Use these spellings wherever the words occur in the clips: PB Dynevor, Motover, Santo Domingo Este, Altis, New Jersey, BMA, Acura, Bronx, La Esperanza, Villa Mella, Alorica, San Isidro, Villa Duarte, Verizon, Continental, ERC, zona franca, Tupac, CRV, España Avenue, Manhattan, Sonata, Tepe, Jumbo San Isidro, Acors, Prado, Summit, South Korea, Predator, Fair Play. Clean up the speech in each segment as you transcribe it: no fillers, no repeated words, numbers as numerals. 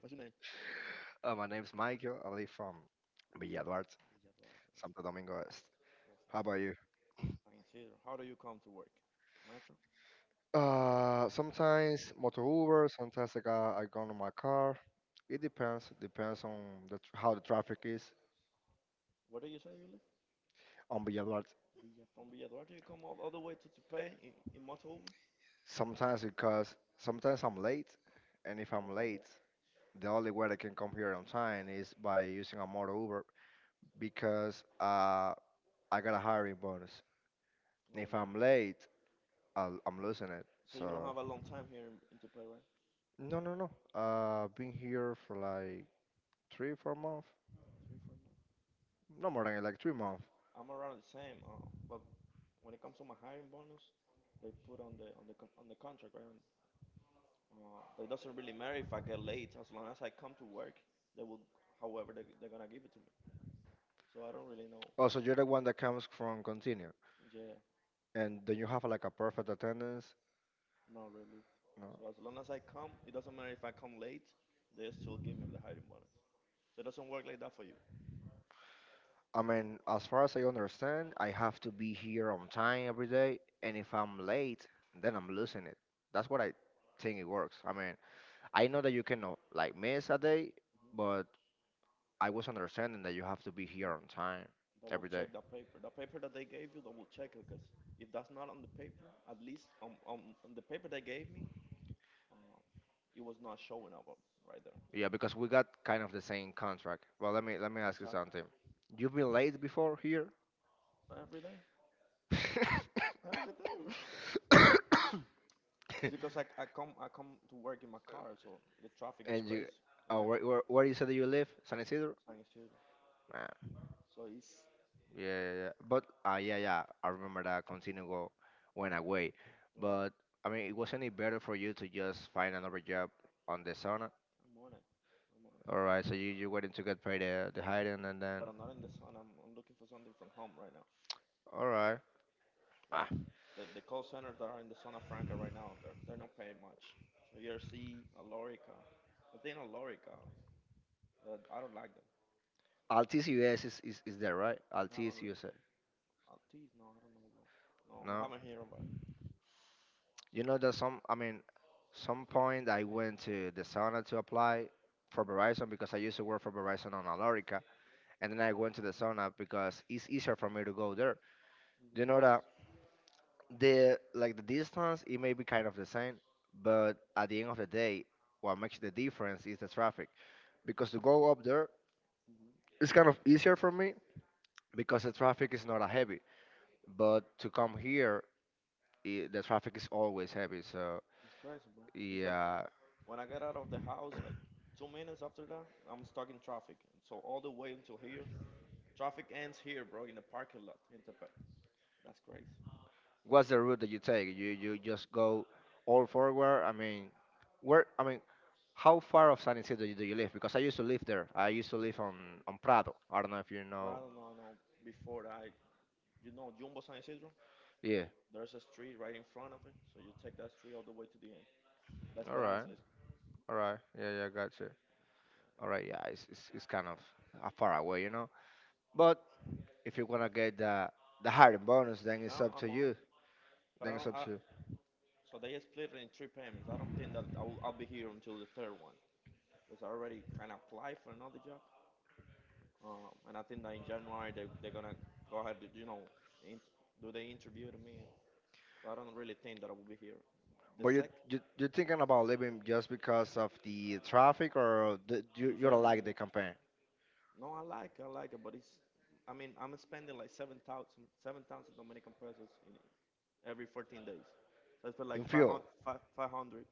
My name's Michael. I live from Villa Duarte, Villa Duarte. That's Santo Domingo Este. that's How nice. about you? San Isidro. How do you come to work? Metro. Sometimes motor Uber, sometimes I go in my car. It depends. Depends on how the traffic is Where do you say you live? on Villa Duarte. Villa. From Villa Duarte, you come all the way to Tupac in Motover. Sometimes because sometimes I'm late, and if I'm late, the only way I can come here on time is by using a motor Uber because I got a hiring bonus. Oh If I'm yeah. late, I'm losing it. So you don't have a So long time here in Tupac, right? no, no, no. Been here for like three, 4 months. Three, 4 months. No more than it, like 3 months. I'm around the same. But when it comes to my hiring bonus, they put on the contract, right? It doesn't really matter if I get late. As long as I come to work, they will. However, they're gonna give it to me. So I don't really know. Oh, so you're the one that comes from continue, Yeah, and then you have like a perfect attendance. not really. So No, as long as I come, it doesn't matter if I come late, they still give me the hiring bonus. So it doesn't work like that for you. I mean, as far as I understand, I have to be here on time every day, and if I'm late, then I'm losing it. That's what I think it works. I mean, I know that you can like miss a day, but I was understanding that you have to be But here on time double every check day. that paper. The paper that they gave you, double check it, because if that's not on the paper, at least on the paper they gave me, um, it was not showing up right there. So Yeah, because we got kind of the same contract. Well, let me ask you exactly something. You've been late before here, every day, every day, bro. It's because I come to work in my car, so the traffic is and crazy, you, and I oh, where you said that you live? San Isidro. sign zero. Ah, So it's yeah, yeah, yeah. But ah, yeah, yeah. I remember that Continental went away. yeah, But I mean, it wasn't it better for you to just find another job on the sauna? I'm on it. I'm All right, so you waiting to get paid the hiding and But I'm then not in the zone. I'm looking for something from home right now. all right. Because Ah, the call centers that are in the zona franca right now, they're not paying much. So ERC, Alorica, I think Alorica, I don't like them. Altis US is there right? I don't really. Altis USA. Altis, no, I don't know, bro. No, I No. haven't heard about it. You know that some point I went to the sauna to apply for Hmm. Verizon because I used to work for Verizon on Alorica and then I went to the sauna because it's easier for me to go there. Hmm. You No, know that the distance it may be kind of the same, but at the end of the day what makes the difference is the traffic. Because to go up there hmm it's kind of easier for me because the traffic is not that heavy. But to come here I the traffic is always heavy. So it's crazy, bro. It's like yeah. when I get out of the house, like 2 minutes after that, I'm stuck in traffic. And so all the way until here, traffic ends here, bro, in the parking lot in Tepe. That's crazy. What's the route that you take? You just go all forward. I mean, where? I mean, how far of San Isidro do you live? Because I used to live there. I used to live on Prado. I don't know if you But I don't know. know, no, before that. I You know Jumbo San Isidro? Yeah. There's a street right in front of it, so you take that street all the way to the end. La All Esperanza. right. It's- All right. Yeah. Yeah. Gotcha. All right. Yeah. It's kind of far away, you know. But if you wanna get the hiring bonus, then Now it's I'm up to on, you. but I don't. Then it's up to you. So they split it in three payments. I don't think that I'll be here until the third one because I already kind of applied for another job, and I think that in January they're gonna go ahead. To, in, do the interview to me. So I don't really think that I will be here. The But sec you you're thinking about leaving just because of the traffic, or the, Is you don't everything. like the campaign No, I like it, but it's. I mean, I'm spending like 7,000 Dominican pesos in, every 14 days. So I spend like in fuel? 500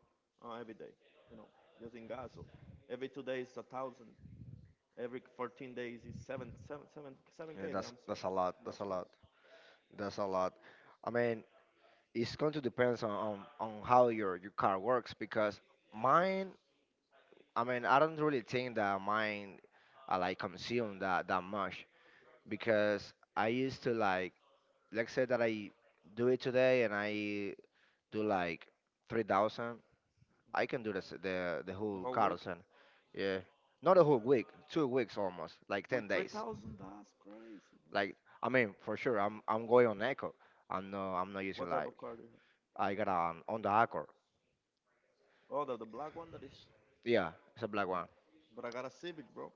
every day, you know, just in gas. So every 2 days, 1,000. Every 14 days is seven, seven, seven, seven seven, 7K Yeah, that I'm spending. that's a lot. That's That's a crazy. lot. That's a lot. I mean, it's going to depend on how your car works because mine. I mean, I don't really think that mine, I like consume that that much because I used to like, let's say that I do it today and I do like 3,000. I can do this the The whole whole Oh, week carousel. Yeah, not a whole week, 2 weeks almost, like with 10 days. 3,000, that's crazy, bro. Like I mean, for sure, I'm going on echo. I'm not What type using of like car do you have? I got an on the Accord. Oh, the black one that is. Yeah, it's a black one. But I got a Civic, bro.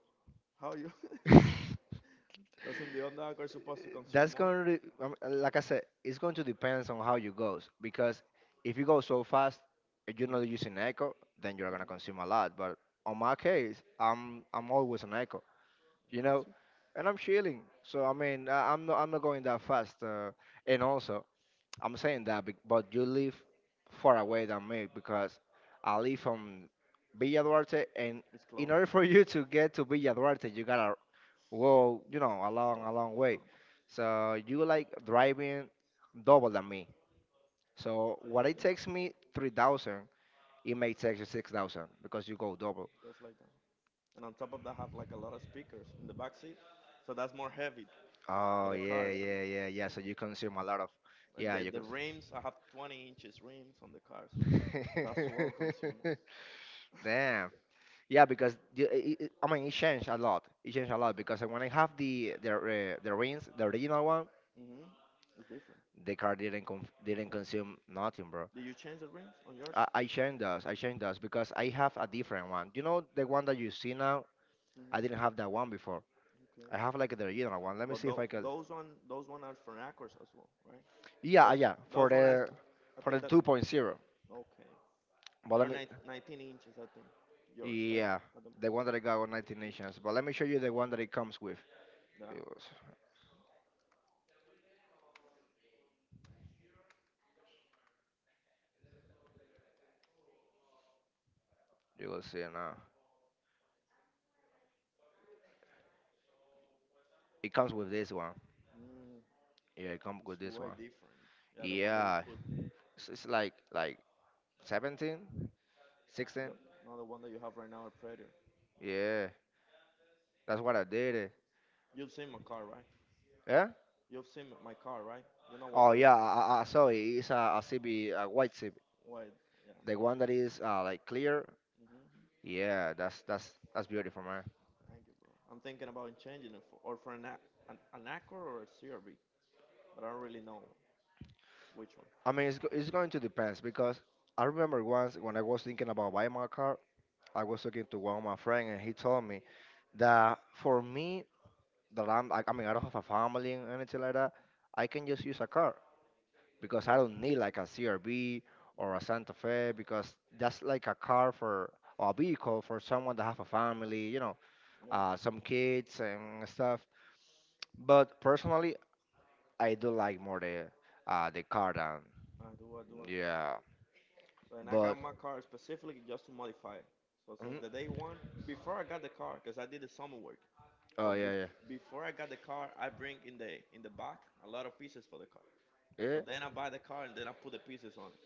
How you? Doesn't the Honda car supposed to consume That's more? going to like I said, it's going to depends on how you goes because if you go so fast, if Mm-hmm. you're not using echo, then you're Mm-hmm. gonna consume a lot. But on my case, I'm always on echo, No, me you too. know, and I'm chilling. So I mean, I'm not going that fast. And also, I'm saying but you live far away than me because I live from Villa Duarte, and It's closer. in order for you to get to Villa Duarte, you gotta go, you know, Wow. A long way. So you like driving double than me. So Just what like it takes that. me 3,000, it may take you 6,000 because you go double. Just like that. And on top of that have like a lot of speakers in the back seat, so that's more heavy for the Oh, Oh car. So yeah, really? yeah, yeah, yeah. So you consume a lot of, uh, the yeah, the you. Cons- rims I have 20 inches rims on the car, so that's well consumed. Damn. Yeah, because the, I mean it changed a lot. It changed a lot because when I have the rings, the original one, Hmm. It's different. the car Yeah. didn't consume nothing, Did bro. you change the rims on yours? I changed those. I changed those because I have a different one. You know the one that you see now? Hmm. I didn't have that one before. Okay. I have like the original one. But Let me see if I can. those one are from Acors as well, right? Those Yeah, yeah, those one has, I think, for that the 2.0. okay. They're But let me. 19 inches, I think. Yours, right? Yeah, At the most. the one that I got on Hmm. 19 Nations. But let me show you the one that it comes with. Yeah. You will s- you will see now. It comes with this one. Mm, Yeah, it it's comes with way this one. different. Yeah, the one that you put. Yeah, it's like 17, The, 16. Not the one that you have right now, a Predator. Yeah, that's what I did. It. You've seen my car, right? Yeah. You've seen my car, right? You know what what is Oh yeah, I saw it. It's a CB, a white CB, what? Yeah. the one that is like clear. hmm Yeah, that's beautiful, man. Thank you, bro. I'm thinking about changing it for, or for an Acura or a CRV, but I don't really know which one. I mean, it's going to depends because I remember once when I was thinking about buying my car, I was talking to one of my friend and he told me that for me that I mean I don't have a family and anything like that, I can just use a car. Yeah. Because I don't need like a CRV or a Hmm. Santa Fe because that's like a car for or a vehicle for someone that have a family, you know, Yeah. Some kids and stuff. But personally, I do like more the car than I do. I do as well. yeah. So and I got my But car specifically just to modify it. So since the day mm, one, before I got the car, because I did the summer work. So oh yeah before I got the car, I bring in the back a lot of pieces for the car. So yeah then I buy the car and then I put the pieces on it.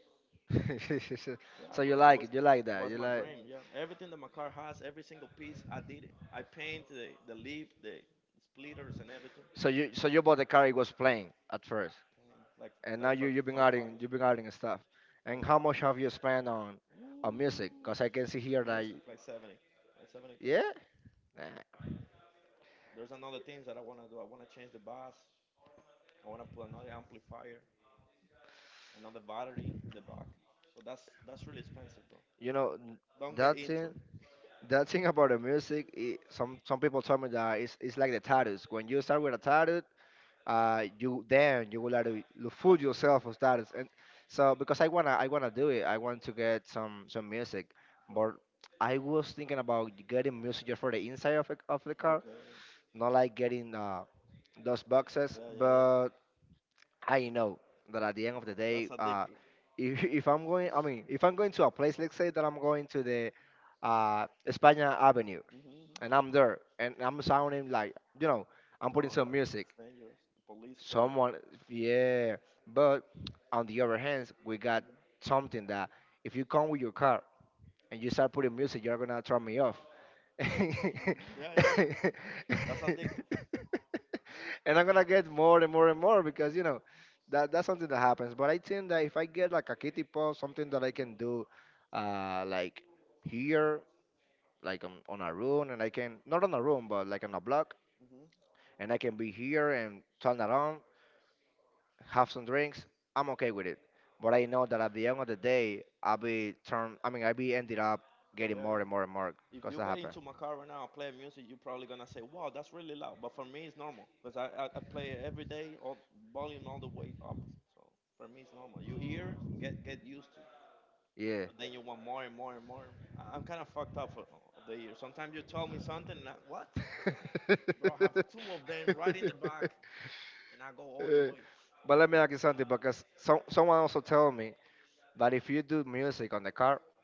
yeah. Yeah, bro. So you It was like it? You like was that? my You like? dream. Yeah, everything that my car has, every single piece, I did it. I paint the lip, the splitters, and everything. So you bought the car it was playing at first, Plain, like like and now from you you've from been factory, adding you've been adding stuff. from And how much factory. have you spent on music? Cause I can see here Music that like 70, like 70K. yeah, nah. There's another things that I wanna do. I wanna change the bass. I wanna put another amplifier, another battery in the back. So that's really expensive, bro. you know n- Don't get that into it. thing. That thing about the music. It, some people tell me that it's like the tattoos. When you start with a tattoo, you then you will have to you That's fool yourself with tattoos. And so because I wanna do it. I want to get some music, bro. but I was thinking about getting music just for the inside of the Okay. car, not like getting those Yeah. Yeah. boxes. Yeah. Yeah. But I know that at the Bro, end of the that's day, addictive. If, if I'm going, I mean, if I'm going to a place, let's say that I'm going to the España Avenue Hmm. and I'm there and I'm sounding like, you know, I'm No, putting that's some music. dangerous. The police gonna. Someone, yeah. But on the other hand, we got Hmm. something that if you come with your car and you start putting music, you're gonna turn me off. Hmm. And Yeah, yeah, yeah. That's addictive. I'm gonna get more and more and more because you know that that's something that happens. But I think that if I get like a kitty paw, something that I can Hmm. do, like here, on a room, and I can not on a room, but like on a block, Hmm. and I can be here and turn around have some drinks, I'm okay with it. But I know that at the end of the day, I'll be turned. I mean, I'll be ended up Yeah, getting yeah. more and more and more If you because get that into happened. my car right now, play music, you're probably gonna say, "Wow, that's really loud." But for me, it's normal because I play it every day, all volume all the way up. So for me, it's normal. You hear, get used to, but Yeah. then you want more and more and more. And more. I'm kind of fucked up for, of the year. Sometimes you tell me something, and I, what, bro? I have two of them right in the back, and I go all the way. But let me ask you something because someone also told me that if you do music on the car,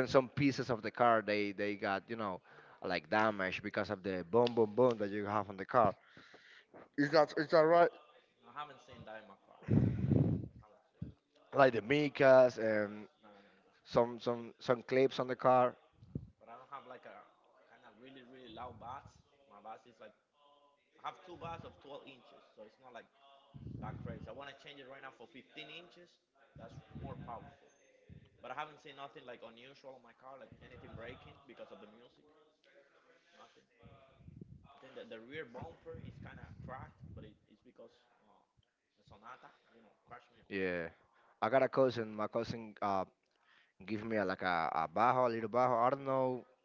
then some pieces of the car they got you know like damaged because of the boom boom boom that you have on the car. Is that right? No, I haven't seen that in my car. I haven't seen that. Like the Micas and No, no, no. Some clips on the car. But I don't have like a kind of really, really loud bass. My bass is like I have two bass of 12 inches, so it's not like that crazy. I want to change it right now for 15 inches. That's more powerful. But I haven't seen nothing like unusual on my car, like anything breaking because of the music. Nothing. I think that the rear bumper is kind of cracked, but it's because uh, the Sonata, you know, crashed me up. Yeah, I got a cousin. My cousin give me like a bajo, a little bajo. I don't Mhm. know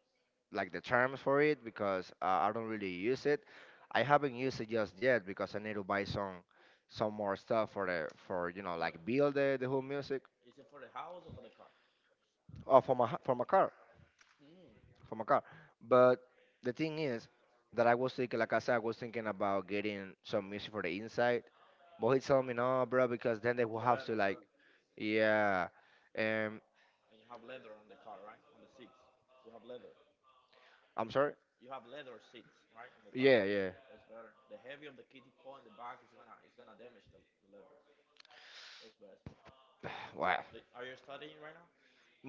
like the terms for it because I don't really use it. I haven't used it just yet because I need to buy some more stuff for the for you know But like build the whole music. is it for the house or for the car? Oh, for my car Mm. for my car. But the thing is that I was thinking, like I said, I was thinking about getting some music for the inside. But he told me no, bro, because then they It's will better. have It's to better. like, yeah, um, And you have leather on the car, right? On the seats, you have leather. I'm sorry. You have leather seats, right, on the car. Yeah, yeah. So it's better. The heavy of the kitty paw in the back is gonna damage the leather. So it's best, bro. Well, Like, are you studying right now?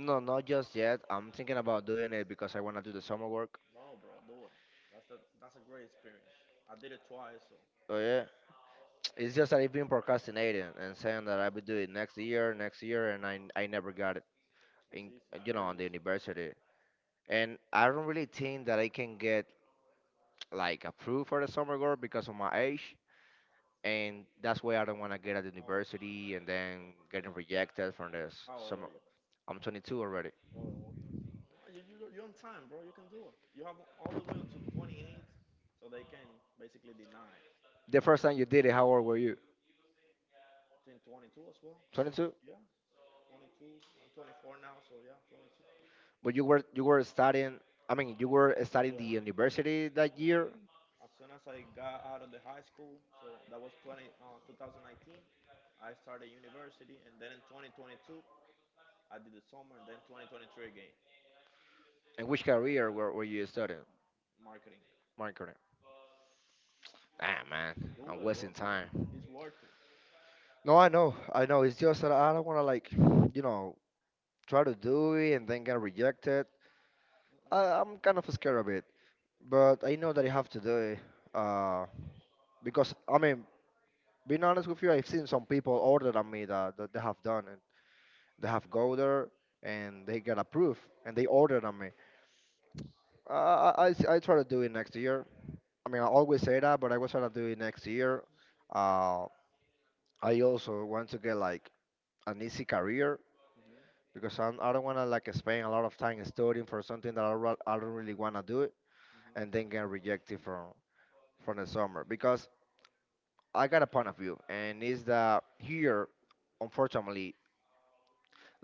no, not just yet. I'm thinking about doing it because I wanna do the summer work. No, bro. Do it. That's a great experience. I did it twice, so Oh yeah. It's just that I've been procrastinating and saying that I will do it next year, and I never got it it's easy. in It's very on the easy. university. And I don't really think that I can get like approved for the summer work because of my age. And that's why I don't wanna get at the How university and then getting rejected from how this. old are you? I'm 22 already. Oh, no, you're on time, bro. You can do it. You have all the way until 28, so they can basically deny. The first time you did it, how old were you? Between 22 as well. 22. 22. Yeah, 22. I'm 24 now, so yeah, 22. But you were studying. I mean, you were studying the Yeah, university yeah. that year. As soon as I got out of the high school, so that was 2019. I started university, and then in 2022, I did the summer, and then 2023 again, And which career were you studying? marketing. Marketing. Ah man, Do it, I'm bro. wasting Do time. it. It's worth it. No, I know, I know. It's just that I don't want to like, you know, try to do it and then get rejected. Mm-mm. I'm kind of scared of it, but I know that I have to do it. Uh, because I mean, being honest with you, I've seen some people older than me that they have done. They have go there and they get approved and they order on me. Uh, I I I try to do it next year. I mean, I always say that, but I will try to do it next year. Uh, I also want to get like an easy career Mm-hmm. because I don't want to like spend a lot of time studying for something that I don't really want to do it Mm-hmm. and then get rejected from the I summer because I got a point of view, and it's that here, unfortunately,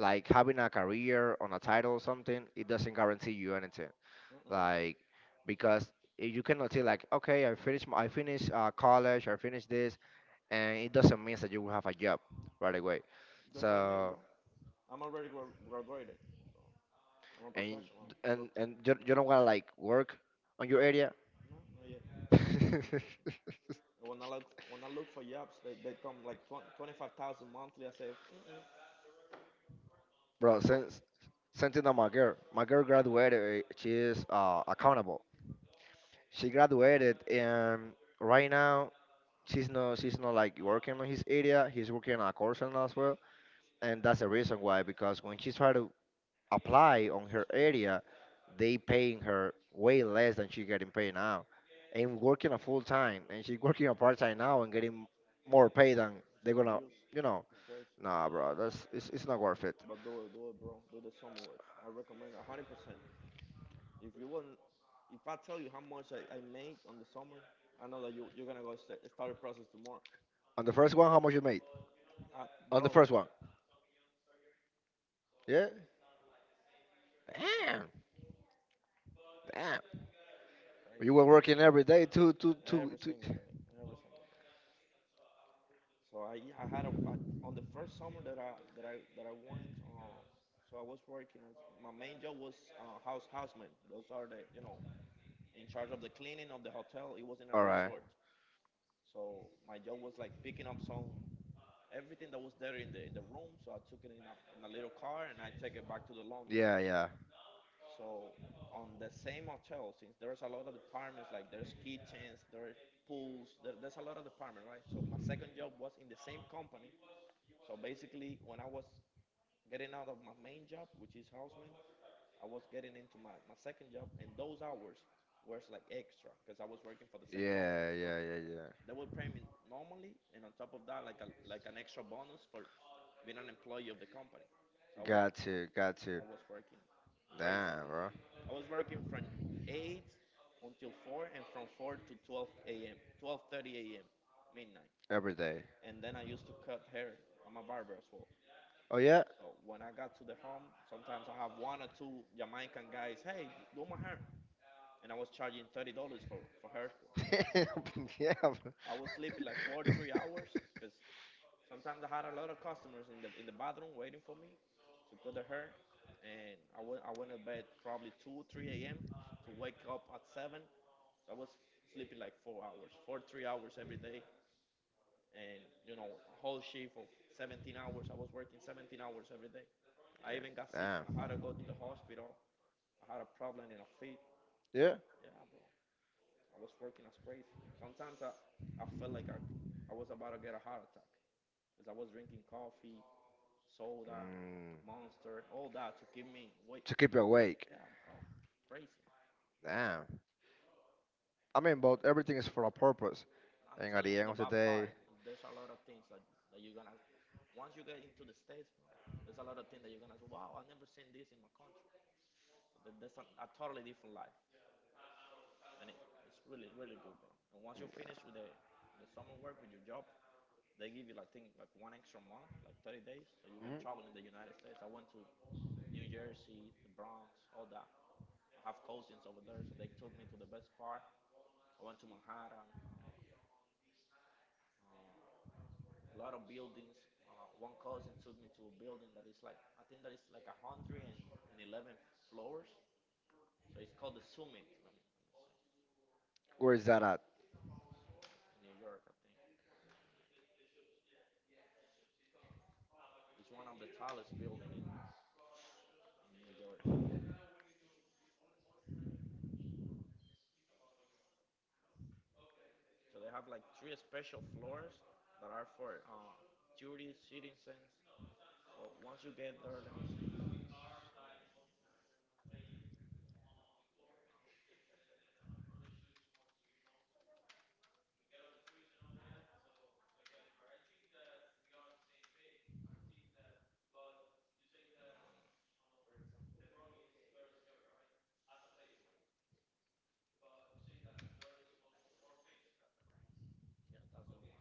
like having a career on a title or something, it doesn't guarantee you anything, don't- Mm-mm. like because you cannot say like, okay, I finished college, I finished this, and it doesn't mean that you will have a job right away. Just like me, bro. So I'm already graduated, so I'm a and professional. Look, and you, you don't want to like work on your area. no, not yet. When I look for jobs, they come like 20, 25,000 monthly. I say, Mm-mm. Bro, So since sent in on my girl graduated. She is accountable. She graduated, and right now she's not like working on his area. He's working on a course and as well. And that's the reason why, because when she tried to apply on it's her crazy. area, they paying her way less than she getting paid now and working a full time, and she's working a part time now and getting more pay than It's an they're gonna, abuse. you know It's crazy. It's nah crazy. bro, that's it's not worth it. But do it, bro. Do the summer work. I recommend 100%. If you want, if I tell you how much I made on the summer, I know that you're gonna go start a process tomorrow. On the first one, how much you made? I, On bro. the first one, yeah. Yeah, bro. Damn. Damn. Crazy. You were working every day to to Every to, single to day. Every single day. So I had on the first summer that I went. So I was working as my main job was houseman. Those are the in charge of the cleaning of the hotel. It was in a all resort. right. So my job was like picking up some everything that was there in the room. So I took it in a little car and I take it back to the laundry. Yeah, yeah. So on the same hotel, since there's a lot of departments, like there's kitchens, there's pools, there's a lot of department, right? So my second job was in the same company. So basically, when I was getting out of my main job, which is houseman, I was getting into my second job, and those hours was like extra because I was working for the same company. Yeah, So yeah, yeah, yeah. they will pay me normally, and on top of that, like an extra bonus for being an employee of the company. So I was Got to, got I to. was working crazy, man. Damn, bro. I was working from eight until four, and from 4 to 12 a.m. 12:30 a.m. midnight. Every day. And then I used to cut hair. I'm a barber as well. Oh yeah. So when I got to the home, sometimes I have one or two Jamaican guys. Hey, do my hair, and I was charging $30 for haircut. So Yeah, bro. I was sleeping like four three hours because sometimes I had a lot of customers in the bathroom waiting for me to cut their hair, and I went to bed probably 2 3 a.m. to wake up at 7. So I was sleeping like 4 hours, four three hours every day, and you know a whole shift of 17 hours. I was working 17 hours every day. I even got sick. I Damn. had to go to the hospital. I had a problem in a feet. Yeah. Yeah, bro. I was working as crazy. Sometimes I felt like I was about to get a heart attack because I was drinking coffee soda, Mm, monster, all that to keep me wait. to keep you Yeah, awake. bro, crazy. Damn. I mean, but everything is for a purpose. I'm And telling at you the the end of bad the part. day, There's a lot of things that you're gonna once you get into the states, bro. There's a lot of things that you're gonna say, wow, I never seen this in my country. So that's a totally different life, and it's really really good, bro. And once you finish with the summer work with your job, they give you like think like one extra month, like 30 days, so you can travel in the United States. I went to New Jersey, the Bronx, all that. I have cousins over there, so they took me to the best part. I went to Manhattan, uh, uh, a lot of buildings. One cousin took me to a building that is like I think that is like a hundred and eleven floors. So it's called the Summit. Let me see. where is that at? Summit in New York, I think it's one of the tallest building in New York. So they have like three special floors that are for tourists, citizens. So once you get there, let me see. So, yeah, that's the one.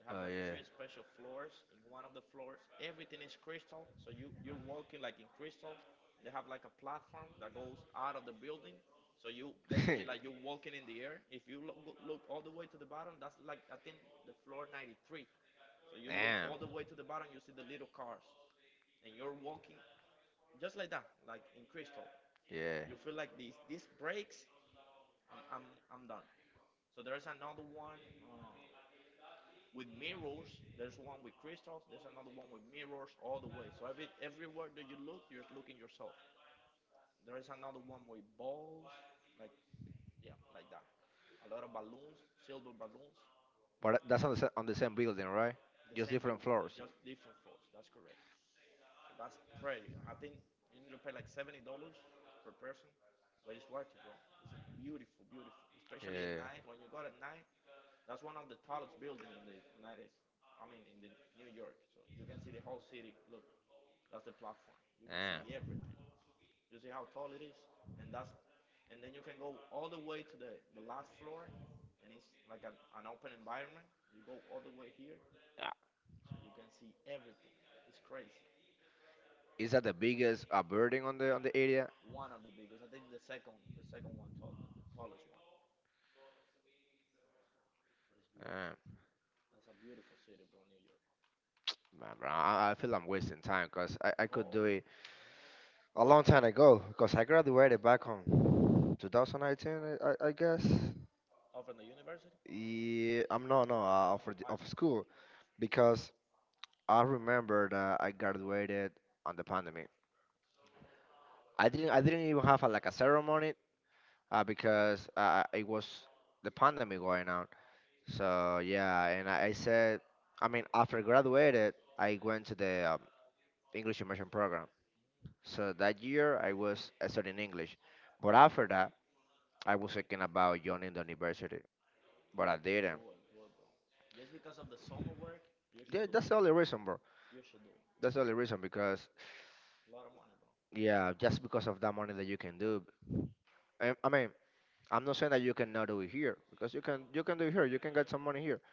They have Oh like yeah. three special floors. In one of the floors, everything is crystal. So you're walking like in crystal. They have like a platform that goes out of the building. So you basically like you're walking in the air. If you look all the way to the bottom, that's like I think the floor 93. So you look Damn. all the way to the bottom, you see the little cars, and you're walking just like that, like in crystal. You feel like this Yeah. this breaks. I'm I'm I'm done. So there's another one. With mirrors. There's one with crystals. There's another one with mirrors all the way. So everywhere that you look, you're looking yourself. There is another one with balls, like yeah, like that. A lot of balloons, silver balloons. But that's on the, on the same building, right? The Just same different building, floors. just different floors. That's correct. So that's pretty. I think you need to pay like $70 per person, but it's worth it, bro. It's a beautiful, beautiful, especially at Yeah. night. When you go at night, that's one of the tallest buildings in the United. I mean, in the New York, so you can see the whole city. Look, that's the platform. You can see Ah. everything. You see how tall it is, and and then you can go all the way to the last floor, and it's like an open environment. You go all the way here, Ah, so you can see everything. It's crazy. is that the biggest burden on the area? One of the biggest. I think the second one tall, the tallest one. But it's beautiful. Uh, That's a beautiful city, bro. New York. Man, bro, I feel I'm wasting time because I Go could do bro. it a long time ago because I graduated back on 2019, I guess. Oh, from the university? Yeah, I'm no of High of school. school because I remember that I graduated on the pandemic. I didn't even have a, like a ceremony because it was the pandemic going on. So yeah, and I said, I mean, after I graduated, I went to the English immersion program. So that year, I was studying English, but after that, I was thinking about joining the university, but I didn't. Do it, bro. Just because of the summer work, you should Yeah, do it. that's the only reason, bro. You should do it. That's the only reason because It's a lot of money, bro. yeah, just because of that money that you can do. I mean, I'm not saying that you cannot do it here because you can do it here. You can get some money here.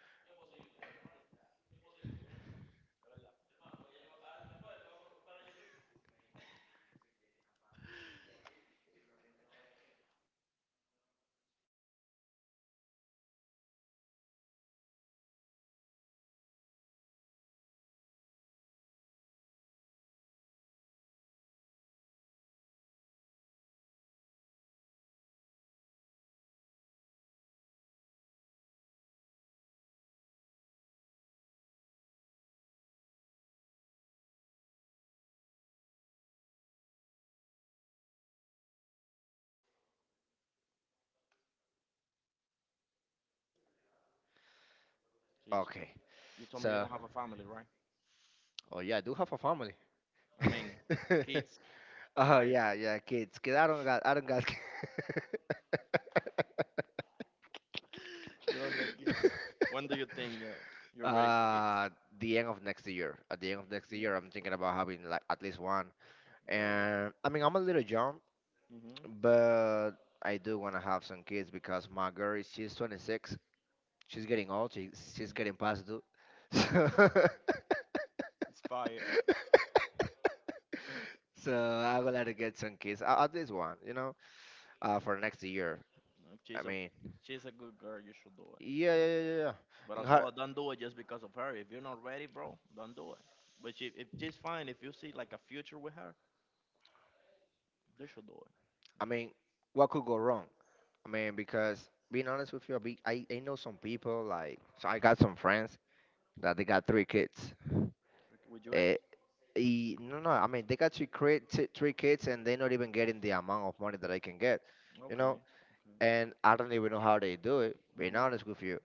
So Okay, you told me you so don't have a family, right? oh yeah, I do have a family. I mean, kids, Oh wife. yeah, yeah, kids. Cause I don't got. You don't get kids. When do you think you're ready for kids? uh, the end of next year. At the end of next Yeah, year, I'm thinking about having like at least one. really, And I mean, I'm a little young, mm-hmm. but I do want to have some kids because my girl, It's she's beautiful. 26. She's getting old. She, she's Mm. getting past due. So, It's fire. so I would like to get some kids. At least one, you know, for next year. No, if I she's a mean, she's a good girl, you should do it. yeah, yeah, yeah, yeah, yeah. But And as how, well, don't do it just because of her. If you're not ready, bro, don't do it. But if she's fine, if you see like a future with her, you should do it. You I should. mean, what could go wrong? I mean, because being honest with you, I know some people like, so I got some friends that they got three kids. Tricky. With your age. Eh, e- no, no, I mean they got three kids, and they're not even getting the amount of money that I can get, you Okay. know. Okay. And I don't even know how they do it. Being Mhm. honest with you,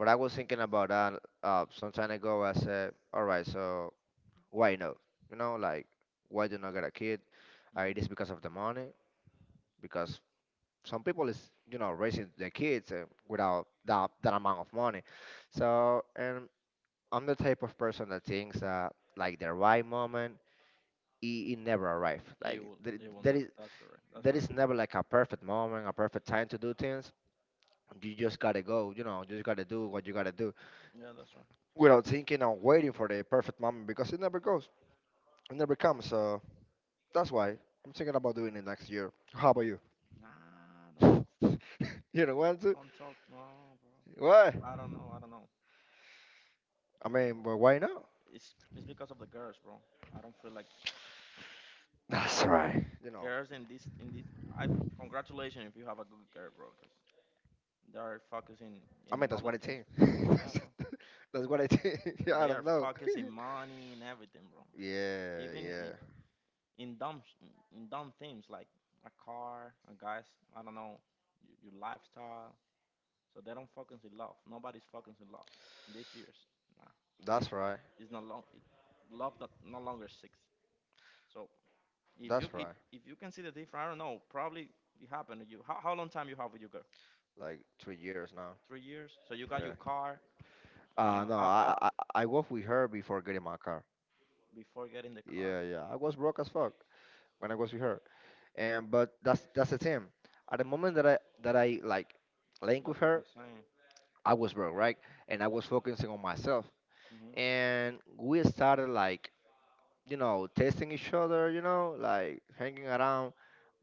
but I was thinking about that some time ago. I said, all right, so why no? You know, like why do you not get a kid? Mhm. It is because of the money because some people is, you know, raising their kids without that amount of money. So and I'm the type of person that thinks that like the right moment, it never arrives. It Like will. there, It will. Not, That's correct. That's there correct. is never like a perfect moment, a perfect time to do things. You just gotta go, you know, you just gotta do what you gotta do Yeah, that's right. without thinking and waiting for the perfect moment because it never goes, it never comes. So that's why I'm thinking about doing it next year. How about you? Nah, don't You don't want to? don't talk, no, bro. Why? I don't know, I don't know, I I don't know. mean, but why not? It's because of the girls, bro. I don't feel like That's right. You know, girls in this. I Congratulations if you have a good girl, bro, because they are focusing I in mean, that's another what I things. think. Yeah, bro. That's what I think. I They are don't know. focusing money and everything, bro. Yeah, Even yeah. in dumb sh- in dumb things like a car, a guys, I don't know, your lifestyle. So they don't focus in love. Nobody's focused in love these years. Nah, it, That's right. it's not long. Love not no longer six. So if you That's if, right. if you can see the difference, I don't know. Probably it happened to you. How long time you have with your girl? Like 3 years now. 3 years. So you got your Yeah. car uh, No, af af I was with her before getting my car. before getting the car. Yeah, yeah. I was broke as fuck when I was with her. And but that's the thing. At the moment that I like linked with That's what her, I'm saying. I was broke, right? And I was focusing on myself. Hmm. And we started like, you know, testing each other, you know, like hanging around.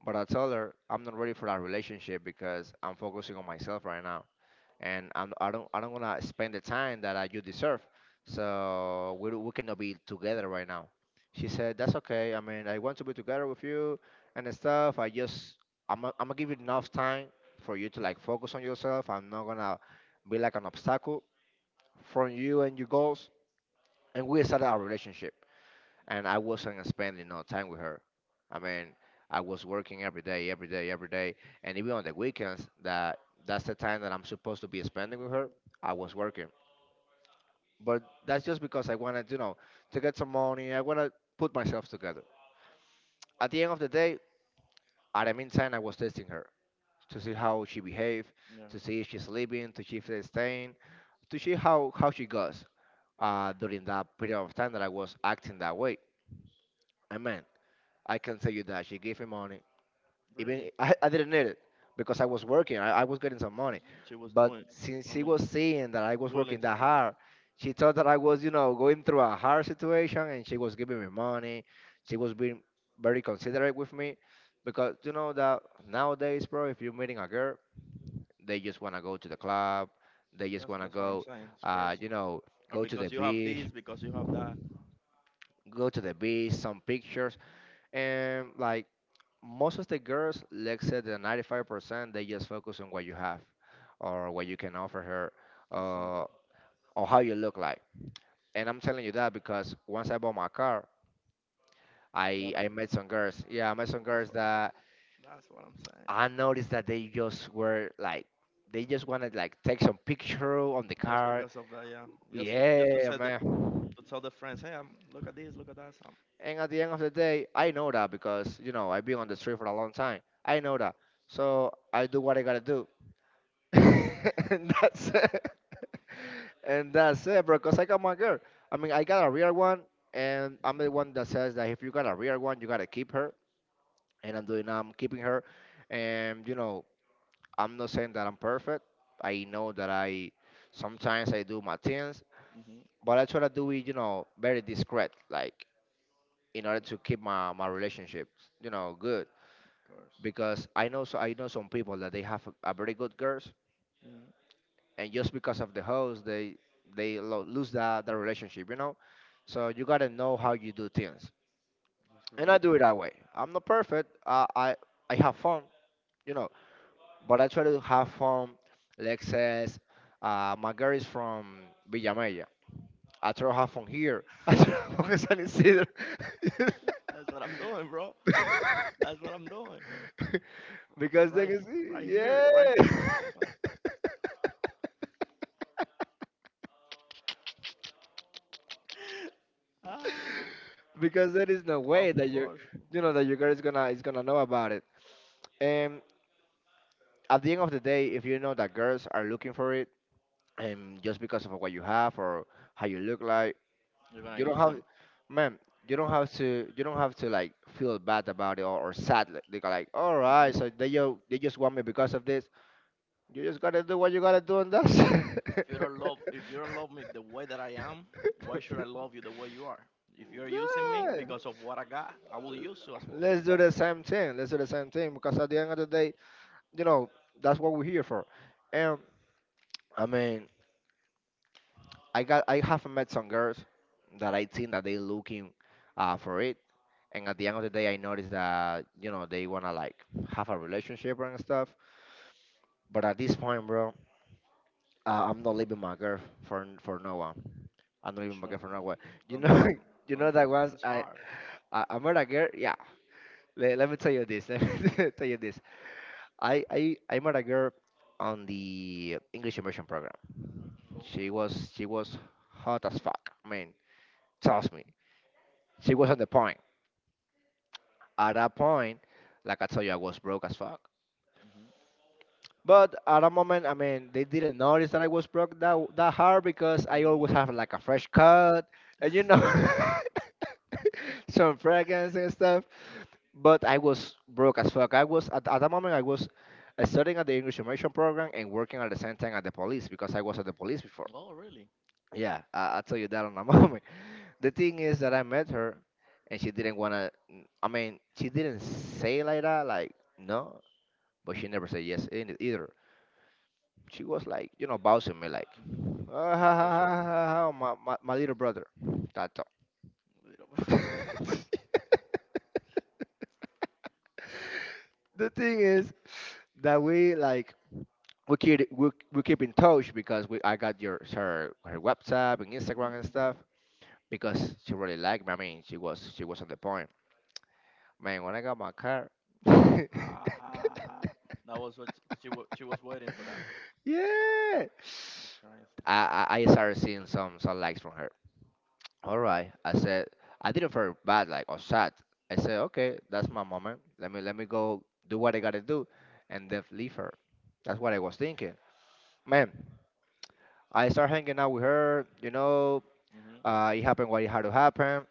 But I told her I'm not ready for that relationship because I'm focusing on myself right now, and I don't wanna spend the time that I, you deserve. So we cannot be together right now. She said that's okay. I mean, I want to be together with you and stuff. I just I'm I I'm gonna give you enough time for you to like focus on yourself. I'm not gonna be like an obstacle from you and your goals. And we started our relationship, and I wasn't spending no time with her. I mean, I was working every day, every day, every day, and even on the weekends that that's the time that I'm supposed to be spending with her. I was working, but that's just because I wanted, you know, to get some money. I wanna put myself together. At the end of the day, at the meantime, I was testing her to see how she behaved, Yeah, to see if she's sleeping, to see if she's staying, to see how she goes during that period of time that I was acting that way. And man, I can tell you that she gave me money. Even really. I didn't need it because I was working. I was getting some money. She was But doing. since I she mean, was seeing that I was working willing to that do. hard, she thought that I was, you know, going through a hard situation, and she was giving me money. She was being very considerate with me because you know that nowadays, bro, if you're meeting a girl, they just want to go to the club. They just That's want to that's what I'm go, saying. It's you crazy. know, Or go to the because you have beach, this, because you have that. go to the beach, some pictures, and like most of the girls, let's say the 95%, they just focus on what you have or what you can offer her It sounds uh, or how you look like. And I'm telling you that because once I bought my car, a lot of. I met some girls. Yeah, I met some That's girls what. that That's what I'm saying. I noticed that they just were like, they just wanted like take some picture on the Just car. because of that, yeah. Just to Yeah, say that man. to tell the friends, hey, I'm look at this, look at that. Some. And at the end of the day, I know that because, you know, I've been on the street for a long time. I know that. So I do what I gotta do. And that's it. And that's it, bro. Cause I got my girl. I mean, I got a real one, and I'm the one that says that if you got a real one, you gotta keep her. And I'm doing, I'm keeping her. And I'm not saying that I'm perfect. I know that I sometimes I do my things, Hmm. but I try to do it, very discreet, like in order to keep my relationships, good. Of course. Because I know some people that they have a very good girl, Hmm. and just because of the host they lose that relationship, so you gotta know how you do things, That's and I correct. do it that way. I'm not perfect, I have fun, you know but I try to have fun. Lex says my girl is from Villamella. I try to have fun here. I try to have fun in San Isidro. That's what I'm doing, bro. That's what I'm doing. Because they Right, can see, yeah. Right here in the company. Ah, Because there is no of way that you course, bro. you know that your girl is gonna know about it. And at the end of the day, if you know that girls are looking for it, and just because of what you have or how you look like, You're gonna you don't use have, him. man, you don't That's. have to, like feel bad about it, or sad, like they go like, all right, Hmm. so they just want me because of this. You just gotta do what you gotta do, and that's, yeah. If you don't love me the way that I am, why should I love you the way you are? If you're using me because of what I got, I will use you as well. Let's do the same thing. Because at the end of the day, you know that's what we're here for. And I mean, I have met some girls that I think that they looking for it. And at the end of the day, I noticed that, they want to like have a relationship and stuff. But at this point, bro, I'm not leaving my girl for for no one. I'm not You leaving my girl shouldn't. for no one. you Don't do know it. you know Don't do that it. It's hard, I met a girl, yeah. Let me tell you this. Let me tell you this. I met a girl on the English immersion program. bro. She was hot as fuck. I mean, trust me, she was on the point. At that point, like I told you, I was broke as fuck. But at a moment, I mean, they didn't notice that I was broke that hard because I always Hmm. have like a fresh cut, and you know, some fragrance and stuff. But I was broke as fuck. I was at that moment I was studying at the English immersion program and working at the same time at the police, because I was at the police before. Oh, really? Yeah, I'll tell you that on a moment. The thing is that I met her, and she didn't wanna, I mean, she didn't say like that, like no, but she never said yes either. She was like, you know, bouncing me like, Hmm. "Ah, ha, ha, Also, ha, ha, ha, my little brother, that's all." a Little. The thing is that we like, we keep in touch because we I got your her her WhatsApp and Instagram and Hmm. stuff, because she really liked me. I mean, she was on the point. Man, when I got my car. Ah, that was what she was. She was waiting for that. Yeah. That's crazy. I started seeing some likes from her. All right, I said, I didn't feel bad like or sad. I said, okay, that's my moment. Let me go do what I gotta do, and then leave her. That's what I was thinking. Man, I started hanging out with her. You know, Hmm. It happened what it had to happen.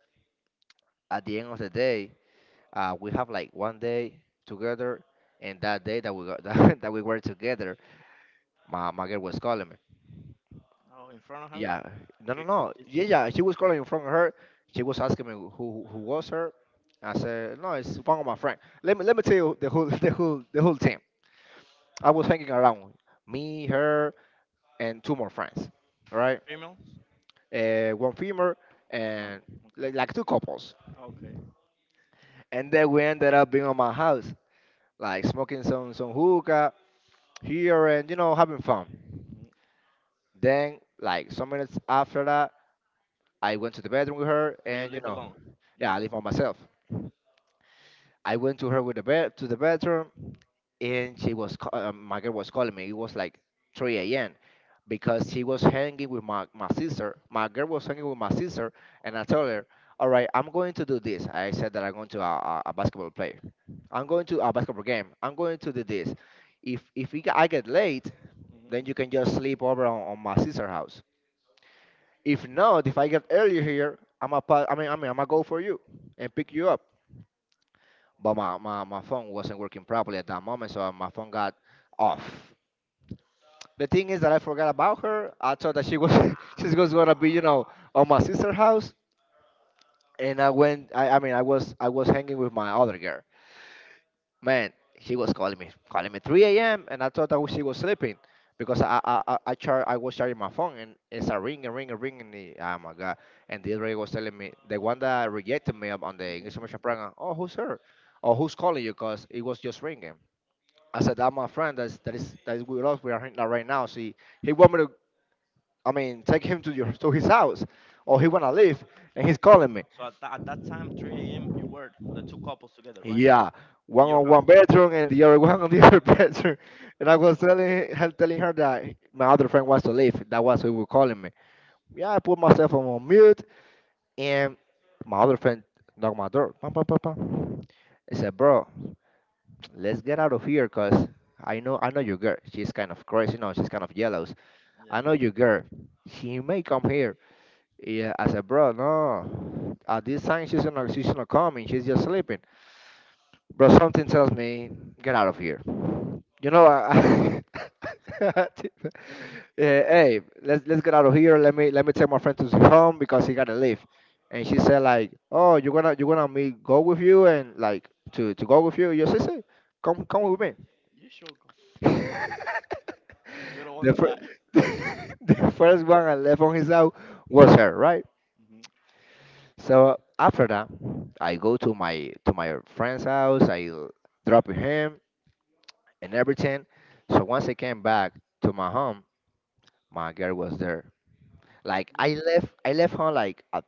At the end of the day, we have like 1 day together, and that day that we got, that we were together, my girl was calling me. Oh, in front of her? Yeah, She, no. she's Yeah. She was calling from her. She was asking me who was her. I said, no, it's one of my friend. Let me tell you the whole the whole team. I was hanging around me, her, and two more friends. All right, female? One female, Oh, no. and Okay. Like two couples. Okay. And then we ended up being on my house, like smoking some hookah here and, you know, having fun. Hmm. Then like some minutes after that, I went to the bedroom with her, So you and you live know, alone? You yeah, I live live alone? on myself. I went to her with the bed to the bedroom, and she was my girl was calling me. It was like 3 a.m. because she was hanging with my sister. My girl was hanging with my sister, and I told Oh. her, all right, I'm going to do this. I said that I'm going to a basketball play. I'm going to a basketball game. I'm going to do this. If we, I get late, then Hmm. you can just sleep over on my sister's house. If not, if I get earlier here, I mean, I'm gonna go for you and pick you up. But my phone wasn't working properly at that moment, so my phone got off. The thing is that I forgot about her. I thought that she was, she was gonna be, you know, on my sister's house, and I went. I mean, I was hanging with my other girl, man, she was calling me 3 a.m., and I thought that she was sleeping because I was charging my phone, and it's a ring a ring a ring, and the, oh my god, and the other lady was telling me, the one that rejected me on the English Hmm. immersion program, oh, who's her. Oh, who's calling you, because it was just ringing. I said that my friend, that is with us, we are hanging out right now, see, he want me to, I mean, take him to your to his house, or he wanna leave, and he's calling me. So at that time, 3 a.m., you were the two couples together, right? Yeah, In one your on one house. bedroom and the other one on the other bedroom. And I was telling her, that my other friend wants to leave. That was who were calling me. Yeah, I put myself on mute, and my other friend knocked my door. Pam, pam, pam, pam. I said, bro, let's get out of here because I know your girl. She's kind of crazy, no, she's kind of jealous. Yeah. I know your girl. She may come here. Yeah, I said, bro, no. At this time she's not coming, she's just Oh, sleeping. Bro, something tells me, get out of here. You know, I yeah, hey, let's get out of here. Let me take my friend to his home because he gotta leave. And she said like, oh, you're gonna me go with you, and like to go with you. Your sister, come with yeah. me. You should go. We don't want the to fir- die. the first one I left on his house was her, right? Hmm. So after that, I go to my friend's house. I drop him, and everything. So once I came back to my home, my girl was there. Like I left home like at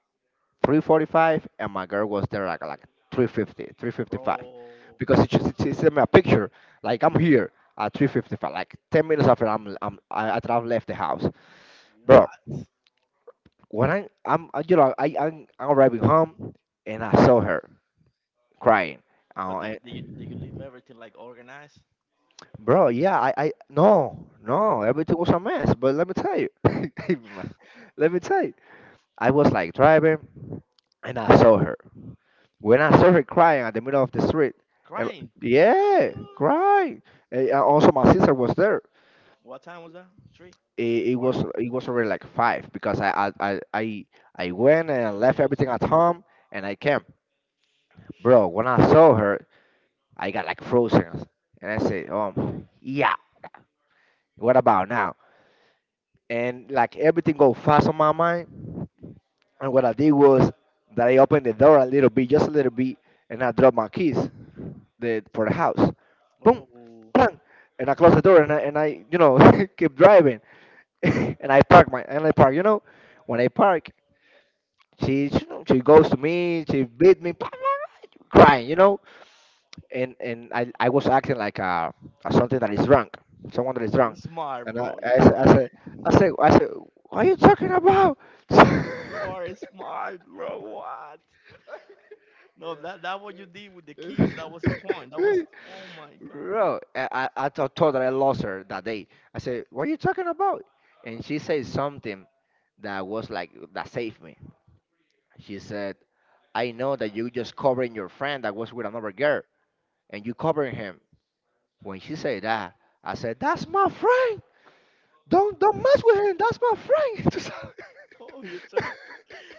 3:45, and my girl was there like 3:50, 3:55, Bro. because she sent me a picture. Like, I'm here at 3:55, like 10 minutes after after I've left the house, bro. What? When you know, I'm arriving home, and I saw her crying. But do, And. do, you, do you leave everything like organized? Bro, yeah, I no, no, Oh, everything was a mess. But let me tell you, man, let me tell you, I was like driving, and I saw her. When I saw her crying at the middle of the street, and crying. yeah, What? crying. And also, my sister was there. What time was that? Three? Four? It was already like five because I went and I left Okay, you everything spent at time. home, and I came. Bro, when I saw her, I got like frozen, and I said, yeah, what about now? And like everything go fast on my mind. And what I did was that I opened the door a little bit, just a little bit, and I dropped my keys, for the house. Boom, Oh, bang, and I closed the door, and I, you know, keep driving, and I park my and I park. You know, when I park, she goes to me, she beat me, crying. You know, and I was acting like a something that is drunk, someone that is you're drunk, smart, and bro. You are. I said, what are you talking about, You are smart, bro. What? No, that what you did with the keys. That was the point. That was. Oh my god. bro? I thought that I lost her that day. I said what are you talking about, and she said something that was like that saved me. She said I know that you just covering your friend that was with another girl and you covering him. When she said that, I said that's my friend. Don't mess with him. That's my friend. Oh, you took.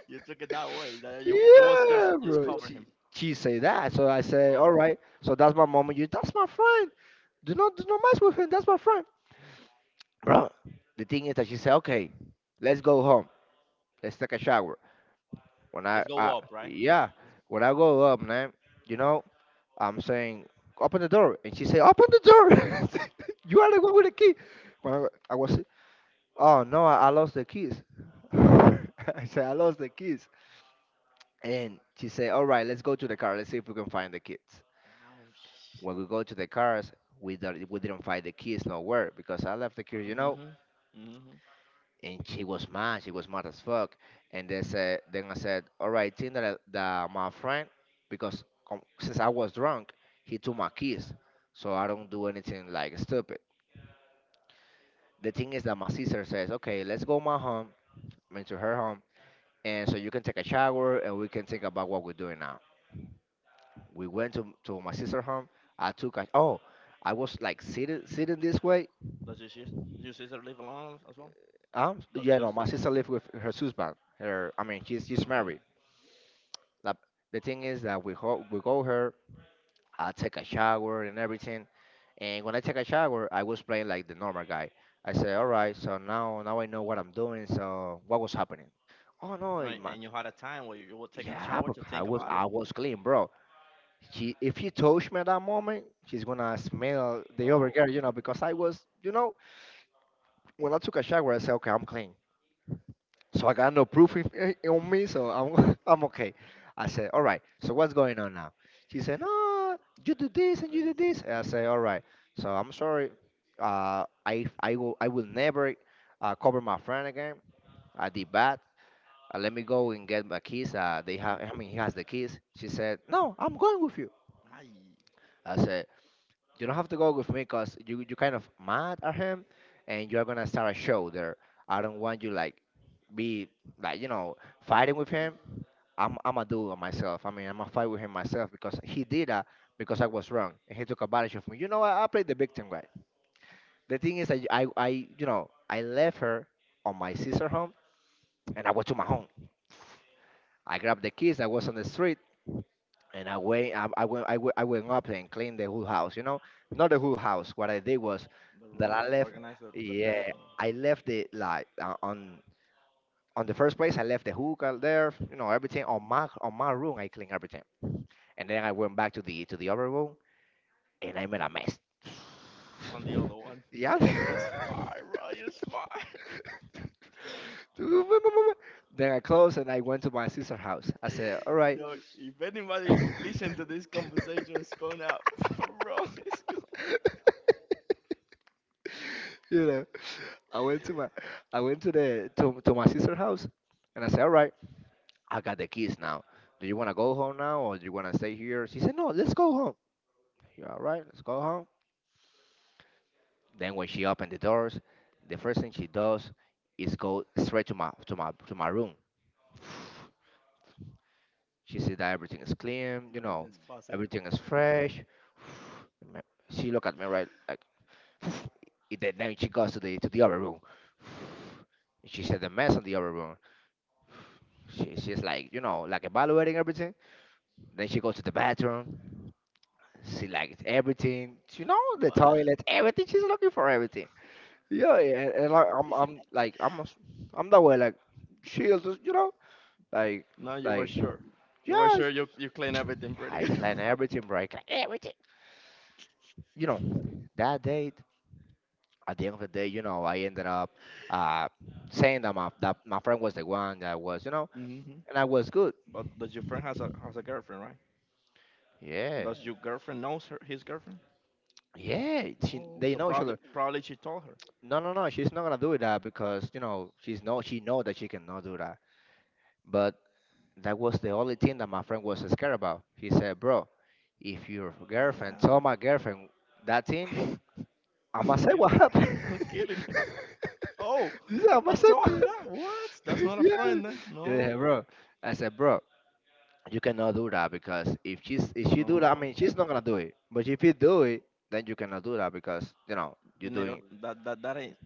You took it that way. That you was just Yeah, just bro. cover She, him. she say that. So I Of say, course. all right. So that's my mom. And you, that's my friend. Do not mess with him. That's my friend, bro. The thing is that she said, okay, let's go home. Let's take a shower. When Let's go I up, right? Yeah, Let's go- when I go up, man, you know, I'm saying open the door, and she say, open the door. You are the one with the key. When I was Oh no, I lost the keys. I said I lost the keys. And she said, all right, let's go to the car. Let's see if we can find the kids. Ouch. When we go to the cars, we didn't find the keys nowhere because I left the keys. Mhm. Mm. And she was mad. She was mad as fuck. Then I said, all right, think that, that my friend, because since I was drunk, he took my keys. So I Mhm. don't do anything like stupid. The thing is that my sister says, okay, let's go my home, went to her home and so you can take a shower and we can think about what we're doing now. We went to my sister's home. I took a Oh, I was like sitting this way. Does your sister live alone as well? Yeah, no, Does my sister lives with her husband. I mean, she's okay. married. Like, the thing is that we go her. I take a shower and everything. And when I take a shower, I was playing like the normal guy. I said, all right, so now I know what I'm doing. So what was happening? Oh All no, right, and you had a time where you were taking a yeah, shower but to I think was about I it. was clean, bro. She if she touched me at that moment, she's gonna smell the other Oh, girl, you know, yeah. because I was, when I took a shower, I said, okay, I'm clean. So I got no proof on me, so I'm I'm okay. I said, all right. So what's going on now? She said, no, you do this and you do Crazy. this. And I said, all right. So I'm sorry. I will never cover my friend again. I did bad. Let me go and get my keys. They Mhm. have. I mean, he has the keys. She said, no, I'm going with you. Ay. I said, you don't have to go with me because you kind of mad at him and you're gonna start a show there. I don't want you like be like fighting with Mhm. him. I'm a dude on myself. I mean I'm gonna fight with him myself because he did that because I was wrong and he took advantage of me. You know I played the victim guy. The thing is I you know I left her on my sister home and I went to my home. I grabbed the kids. I was on the street and I went up and cleaned the whole house. You know, not the whole house. What I did was The that I rooms left. organized the bed. Yeah, I left it like on the first place. I left the hookah there. You know, No. everything on my room. I cleaned everything, and then I went back to the other room, and I made a mess. On the other one. Yeah. Hey, you're smart, bro. You're smart. Then I closed and I went to my sister's house. I said, "All right." Yo, if anybody listen to this conversation, it's going out wrong. It's going. you know, I went to my, I went to to my sister's house, and I said, "All right, I got the keys now. Do you want to go home now, or do you want to stay here?" She said, "No, let's go home." You, all right, let's go home. Then when she opened the doors, the first thing she does is go straight to my room. She said that everything is clean, you know, Everything's positive. everything is fresh. Ma- She look at me right like, and then she goes to the other room. And she said the mess in the other room. She's like, like evaluating everything. Then she goes to the bathroom. She likes everything. You know, the What? toilet, everything. She's looking for everything. Yeah, yeah, and like, I'm that way. Like, chill, just, like, No, you were like, sure. You were yeah, sure you clean everything pretty I good. clean everything, bro. I clean everything. You know, that date. At the end of the day, I ended up uh, saying that my friend was the one that was, Hmm. and I was good. But does your friend has a girlfriend, right? Yeah, Does your, yeah, girlfriend knows her his girlfriend? yeah. No. They So know each probably other. probably she told her. No, no, no. She's not gonna do that because you know she's no. She know that she cannot do that. But that was the only thing that my friend was scared about. He said, "Bro, if your girlfriend Yeah. told my girlfriend that thing, I'ma I'm say kidding. what happened." I'm kidding. Oh, He said, I'ma he say what told you happened." that? What? That's not a Yeah. friend, then? No, Yeah, bro. I said, bro, you cannot do that because if she do that, I no, mean, she's bro. not gonna do it. But if you do it, then you cannot do that because you know You you're need to, doing. that ain't.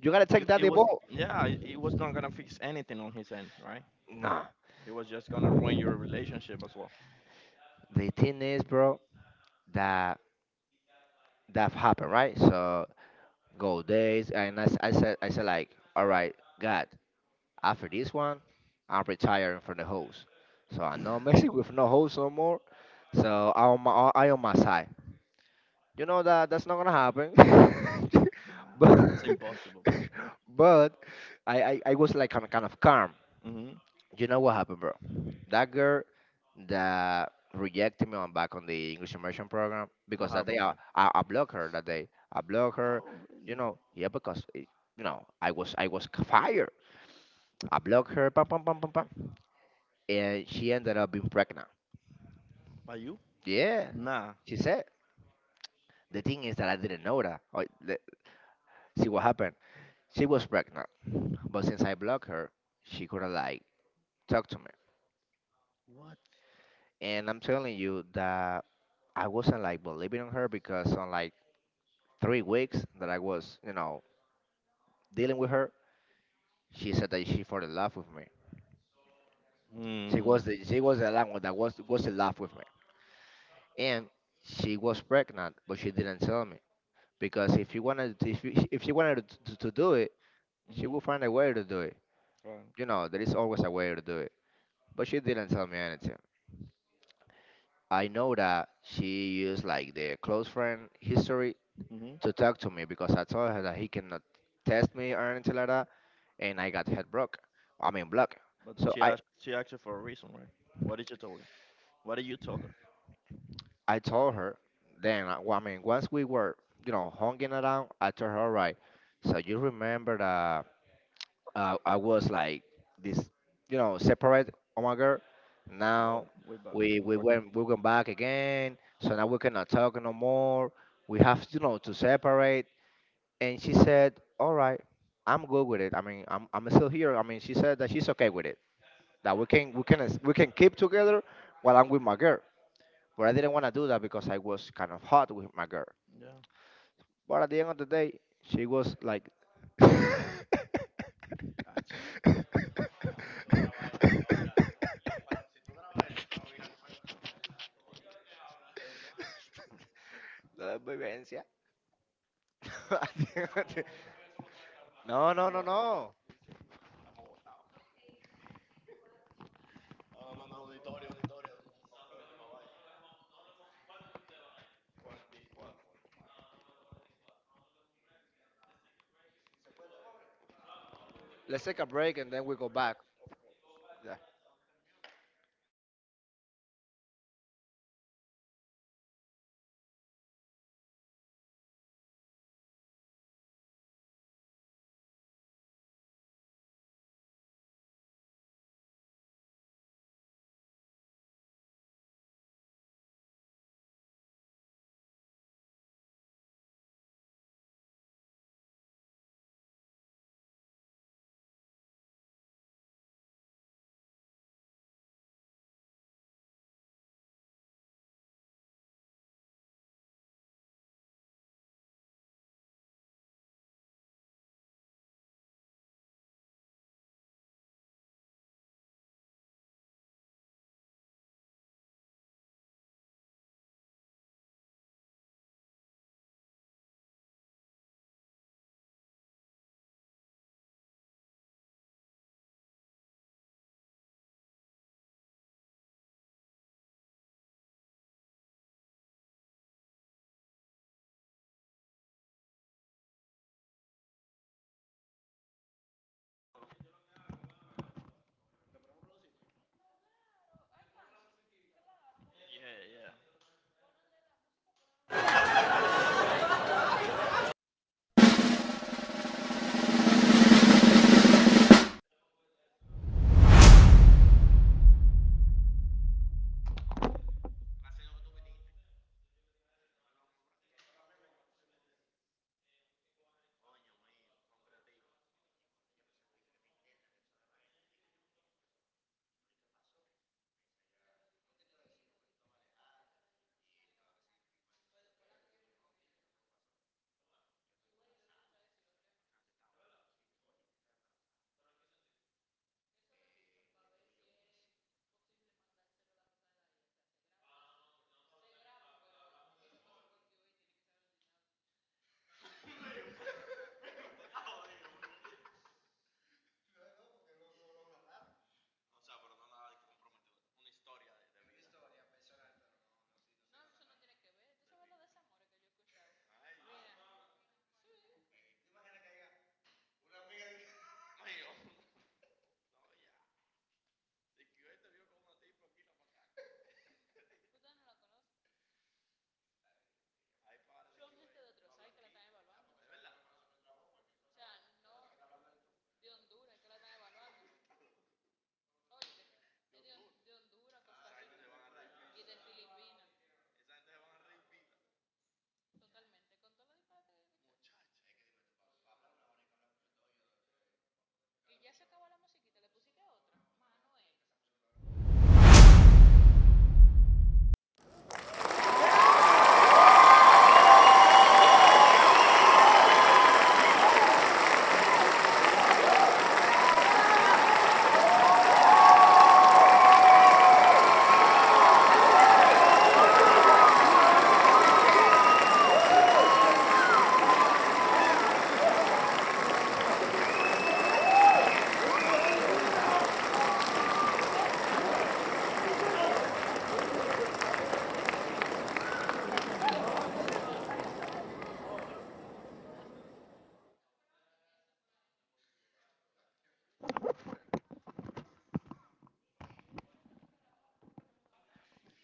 You gotta take It, that it the was, ball. yeah. It was not gonna fix anything on his end, right? Nah. It was just gonna ruin your relationship as well. The thing is, bro, that that happened, right? So go days, and I said like, all right, God, after this one, I'm retiring from the host, so I'm not messing with no host no more. So I on my side. You know that that's not gonna happen, but It's impossible, bro. but I was like kind of calm. Mhm. You know what happened, bro? That girl that rejected me on back on the English immersion program What because that day happened? I, Huh? I, I blocked her. That day I blocked her. Oh, You really? know, yeah, because it, you know I was fired. I blocked her, pam pam pam pam pam, and she ended up being pregnant. By you? Yeah, Nah. she said. The thing is that I didn't know that. See what happened? She was pregnant, but since I blocked her, she couldn't like talk to me. What? And I'm telling you that I wasn't like believing on her because I'm like 3 weeks that I was, dealing with her, she said that she fell in love with me. She Mm, was the she was the one that was in love with me, and she was pregnant, but she didn't tell me because if she wanted to, if you, if she wanted to do it, she mm-hmm, would find a way to do it. claro. You know, there is always a way to do it, but she didn't tell me anything. I know that she used like the close friend history Mm-hmm. to talk to me because I told her that he cannot test me or anything like that, and I got head broke. I mean, blocked. But So she I, asked, she asked you for a reason, right? What did you tell you? What did you tell her? I told her then, well, I mean, once we were, hanging around, I told her, all right, so you remember that I was like this, separate on my girl. Now No, way back. we we Or- went we went back again, so now we cannot talk no more. We have, to separate. And she said, all right, I'm good with it. I mean, I'm still here. I mean, she said that she's okay with it. That we can keep together while I'm with my girl. But I didn't want to do that because I was kind of hot with my girl. yeah. But at the end of the day, she was like. La That's to, vivencia. At the end of the- No, no, no, what, but no. Let's take a break and then we go back. Yeah. yeah, yeah.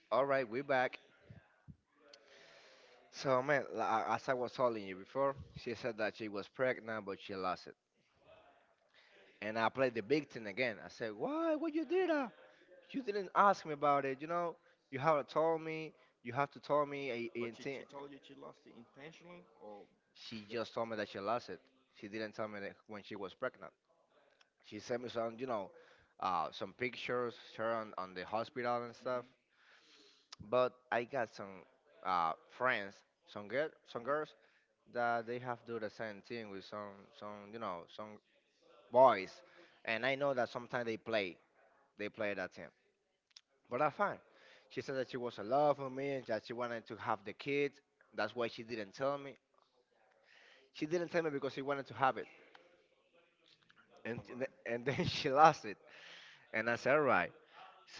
All right, we're back. So, man, as I was telling you before, she said that she was pregnant, but she lost it. And I played the victim again. I said, why what you did?" that? You didn't ask me about it, you know. You haven't told me. You have to tell me a, But she, intent. she told you she lost it intentionally or She just. just told me that she lost it. She didn't tell me that when she was pregnant. She sent me some pictures, her on the hospital and stuff. Hmm. But I got some friends, some Hmm. girls that they have do the same thing with some boys. And I know that sometimes they play that thing. But I fine. She said that she was in love with me and that she wanted to have the kid. That's why she didn't tell me. She didn't tell me because she wanted to have it, That was and a lie. and then she lost it. And I said, all right. So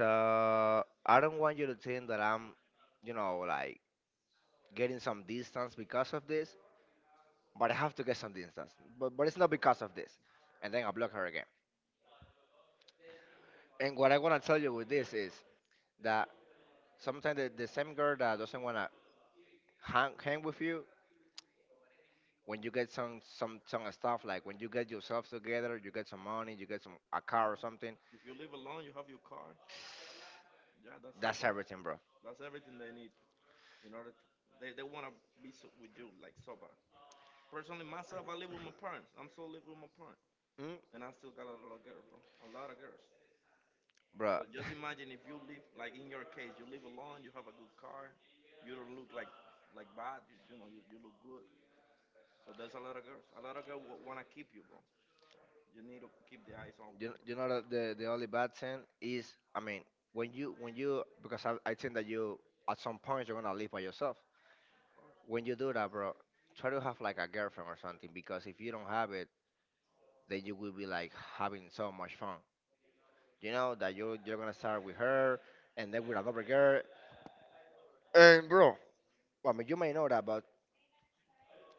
I don't want you to think that I'm, like getting some distance because of this. But I have to get some distance. But it's not Of course. because of this. And then I block her again. And what I wanna tell you with this is that sometimes the same girl that doesn't wanna hang with you when you get some stuff, like when you get yourself together, you get some money, you get some a car or Yeah. something. If you live alone, you have your car. Yeah, that's it, That's bro. everything, bro. That's everything they need in order to. They want to be so, with you like sober. Personally, myself, I live with my parents. I'm still live with my parents, Mm, and I still got a lot of girls, bro. A lot of girls. bro. So just imagine if you live like in your case, you live alone, you have a good car, you don't look like bad. You know, you look good. So there's a lot of girls. A lot of girls wanna keep you, bro. So you need to keep the eyes You, open, bro. you know that the only bad thing is, I mean, when you because I think that you at some point you're gonna live by yourself. Of When course. you do that, bro, try to have like a girlfriend or something because if you don't have it, then you will be like having so much fun. You know that you're gonna start with her and then with another girl. And, bro, I mean, you may know that, but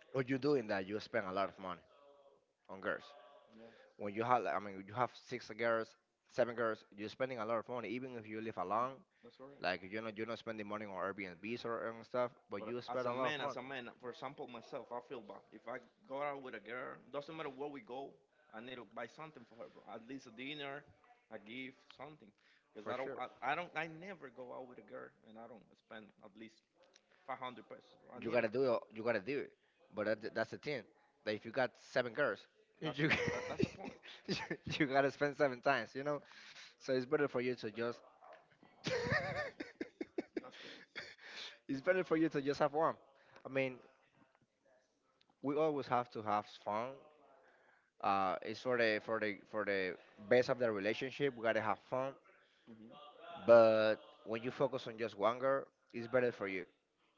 when you doing that, you spend a lot of money on girls. Yeah, When you have, like, I mean, you have six girls, seven girls, you're spending a lot of money, even if you live alone. that's correct. Like, you're not spending money on Airbnbs or and stuff, but But you spend a lot of money. as a man, for example, myself, I feel bad. If I go out with a girl, doesn't matter where we go, I need to buy something for her, bro. At least a dinner, a gift, something. Cause For sure. I don't, I never go out with a girl and I don't spend at least 500 pesos, bro. I You need to. gotta do it. You gotta do it. But Yeah. that's the thing. That if you got seven girls, you That's the point. you you gotta spend seven times. You know. So it's better for you to just. That's crazy. It's better for you to just have one. I mean, we always have to have fun. It's for the best of the relationship. We gotta have fun. Hmm. But when you focus on just one girl, it's better for you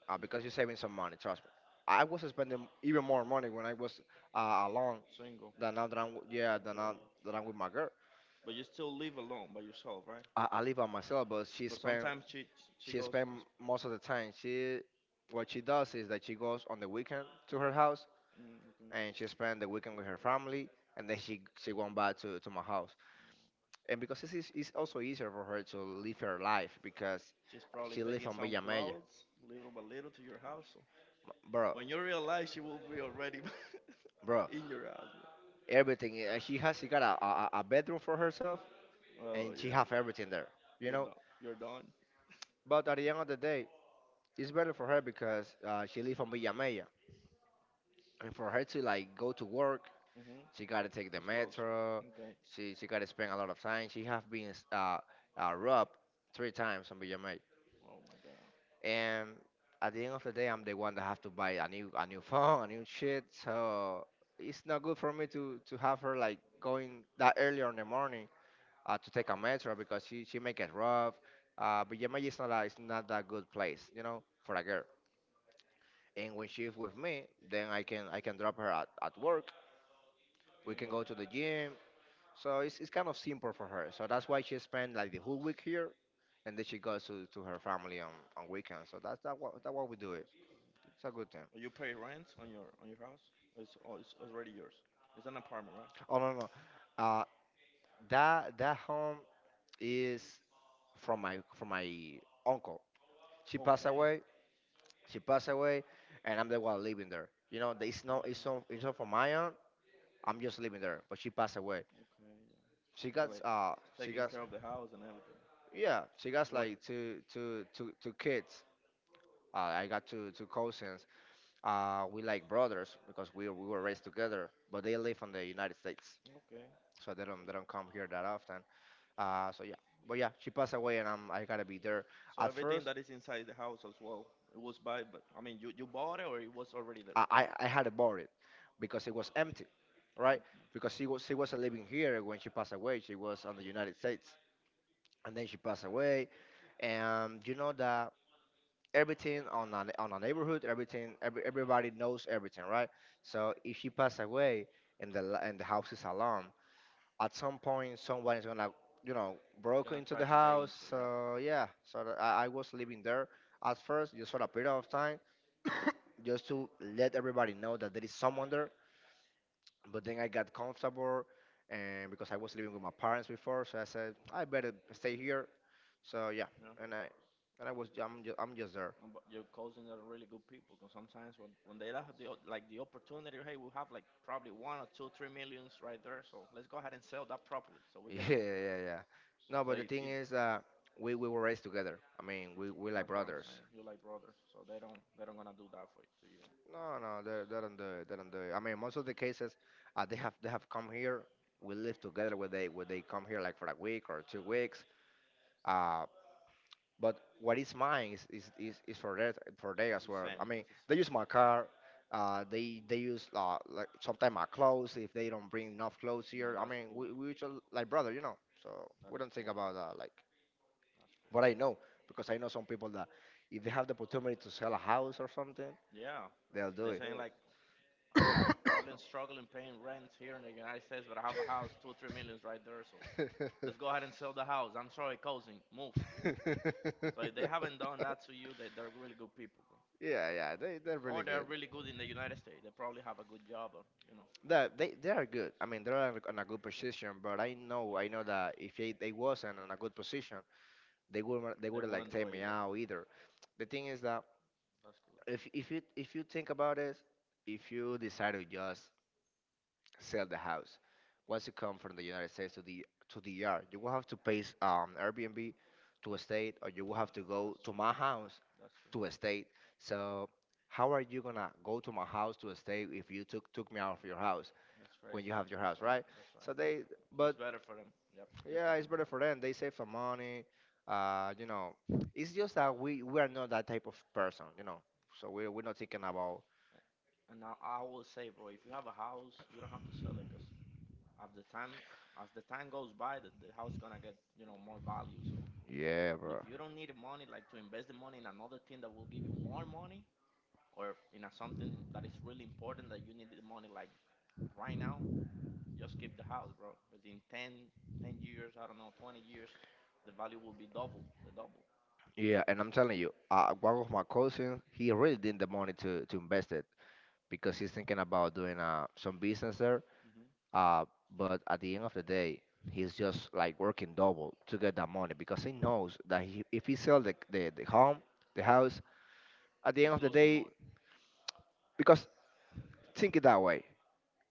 As because you're well, saving some money. Trust me. I was spending even more money when I was alone single. than now that I'm, yeah, than Yeah. now that I'm with my girl. But you still live alone by yourself, right? I live by myself, but she But spent sometimes she She goes. spend most of the time. She what she does is that she goes on the weekend to her house, Mm. and she spend the weekend with her family, and then she went back to my house. And because this is it's also easier for her to live her life because She's probably she live taking on some Villa Mella. clothes, little by little, to your house. So Bro, when you realize she will be already bro, in your house, bro. everything, she got a bedroom for herself, Oh and she yeah, have everything there. You you're know? done. You're done. But at the end of the day, it's better for her because she live on Villa Mella. And for her to like go to work. Mhm. She got to take the It's close. metro. Okay. She got to spend a lot of time. She have been robbed three times on BMA. Oh my God. And at the end of the day, I'm the one that have to buy a new phone, a new shit. So it's not good for me to have her like going that early in the morning, to take a metro because she make it rough. BMA is not a, it's not that good place, you know, for a girl. And when she's with me, then I can drop her at work. We Okay. can Well, go to the gym. So it's kind of simple for her. So that's why she spent like the whole week here, and then she goes to her family on weekends. So that's that what we do it. It's a good thing. you pay rent on your house. It's already yours. It's an apartment, right? Oh, no, no, no. uh, that home is from my uncle. She Okay. passed Okay. away. She passed away, and I'm the one living there. You know, it's not from my aunt. I'm just living there, but she passed away. Okay. She Yeah. Yeah, got like uh she taking got care of the house and everything. yeah, she got So what? like two two two two kids. I got two cousins. We like brothers because we were raised together, but they live in the United States, Okay. so they So don't they don't come here that often. So yeah, but yeah, she passed away, and I gotta be there. so At everything first, that is inside the house as well, it was by, but I mean, you bought it or it was already there. I had to bought it because it was empty, right? Okay. Because she wasn't living here when she passed away. She was on the United States, and then she passed away, and you know that everything on a neighborhood, everything everybody knows everything, right? So if she passed away and the house is alone. At some point someone is gonna you know broke Gonna into try the to get house. into it, yeah. So yeah, so that I was living there at first just for a period of time, just to let everybody know that there is someone there. But then I got comfortable. And because I was living with my parents before, so I said, I better stay here. So yeah, Yeah. and i and I was I'm just, I'm just there. But your cousins are really good people because sometimes when they have the, like the opportunity, hey, we have like probably one or two, three millions right there. So let's go ahead and sell that properly. So we get them. Yeah, yeah, yeah. No, So but the if thing it, is we were raised together. I mean we like that's what I'm brothers. saying. You're like brothers. So they don't gonna do that for to you. No, no, they don't do it. They don't do it. I mean, most of the cases, they have come here. We live together when they come here like for a week or 2 weeks. Uh, but what is mine is for that for they It's the as well. same. I mean, It's the they same. use my That's, car. They use like sometimes my clothes if they don't bring enough clothes no, here. I that's mean, cool. we just like brother, you know. So That we is don't think cool, bro. about, like. That's But I cool. know because I know some people that if they have the opportunity to sell a house or something, Yeah. they'll They're Yeah, do. saying like I don't know. Probably struggling paying rent here in the United States, but I have a house, two, three millions right there. So let's go ahead and sell the house. I'm sorry, cousin, move. So if they haven't done that to you, they're really good people, bro. Yeah, yeah, they're Or really they're good. really good in the United States. They probably have a good job, or you know, That they are good. I mean, they're on a good position, but I know that if they wasn't on a good position, they wouldn't they they wouldn't wouldn't like do take it me either. out either. The thing is that That's good. if you think about it, if you decide to just sell the house. Once you come from the United States to the ER, you will have to pay Airbnb to a state, or you will have to go That's to true. my house That's true. to a state. So how are you gonna go to my house to a state if you took me out of your house That's when you crazy. have your That's house, right. right? That's right. So they, So it's but better for them. Yep. Just to yeah, it's keep the. better for them. They save some money. Uh, you know, it's just that we are not that type of person. So we're not thinking about. And now I will say, bro, if you have a house, you don't have to sell it, cause as the time as the time goes by, the house gonna get you know more value. So Yeah, yeah. bro. If you don't need money, like to invest the money in another thing that will give you more money, or in a something that is really important that you need the money like right now, just keep the house, bro. Because in 10 years, I don't know, 20 years, the value will be double, the double. Yeah, and I'm telling you, one of my cousins, he really didn't the money to invest it because he's thinking about doing some business there. Hmm. Uh, but at the end of the day, he's just like working double to get that money because he knows that if he sells the home, the Yeah, house. At the end it's of the losing day, more. because think it that way,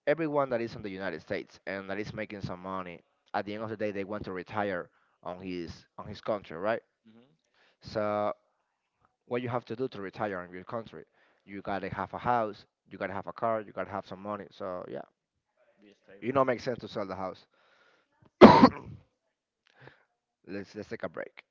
everyone that is in the United States and that is making some money, at the end of the day, they want to retire on his country, right? Hmm. So what you have to do to retire in your country. You gotta have a house, you gotta have a car, you gotta have some money. So yeah, Be stable. makes sense to sell the house. Let's take a break.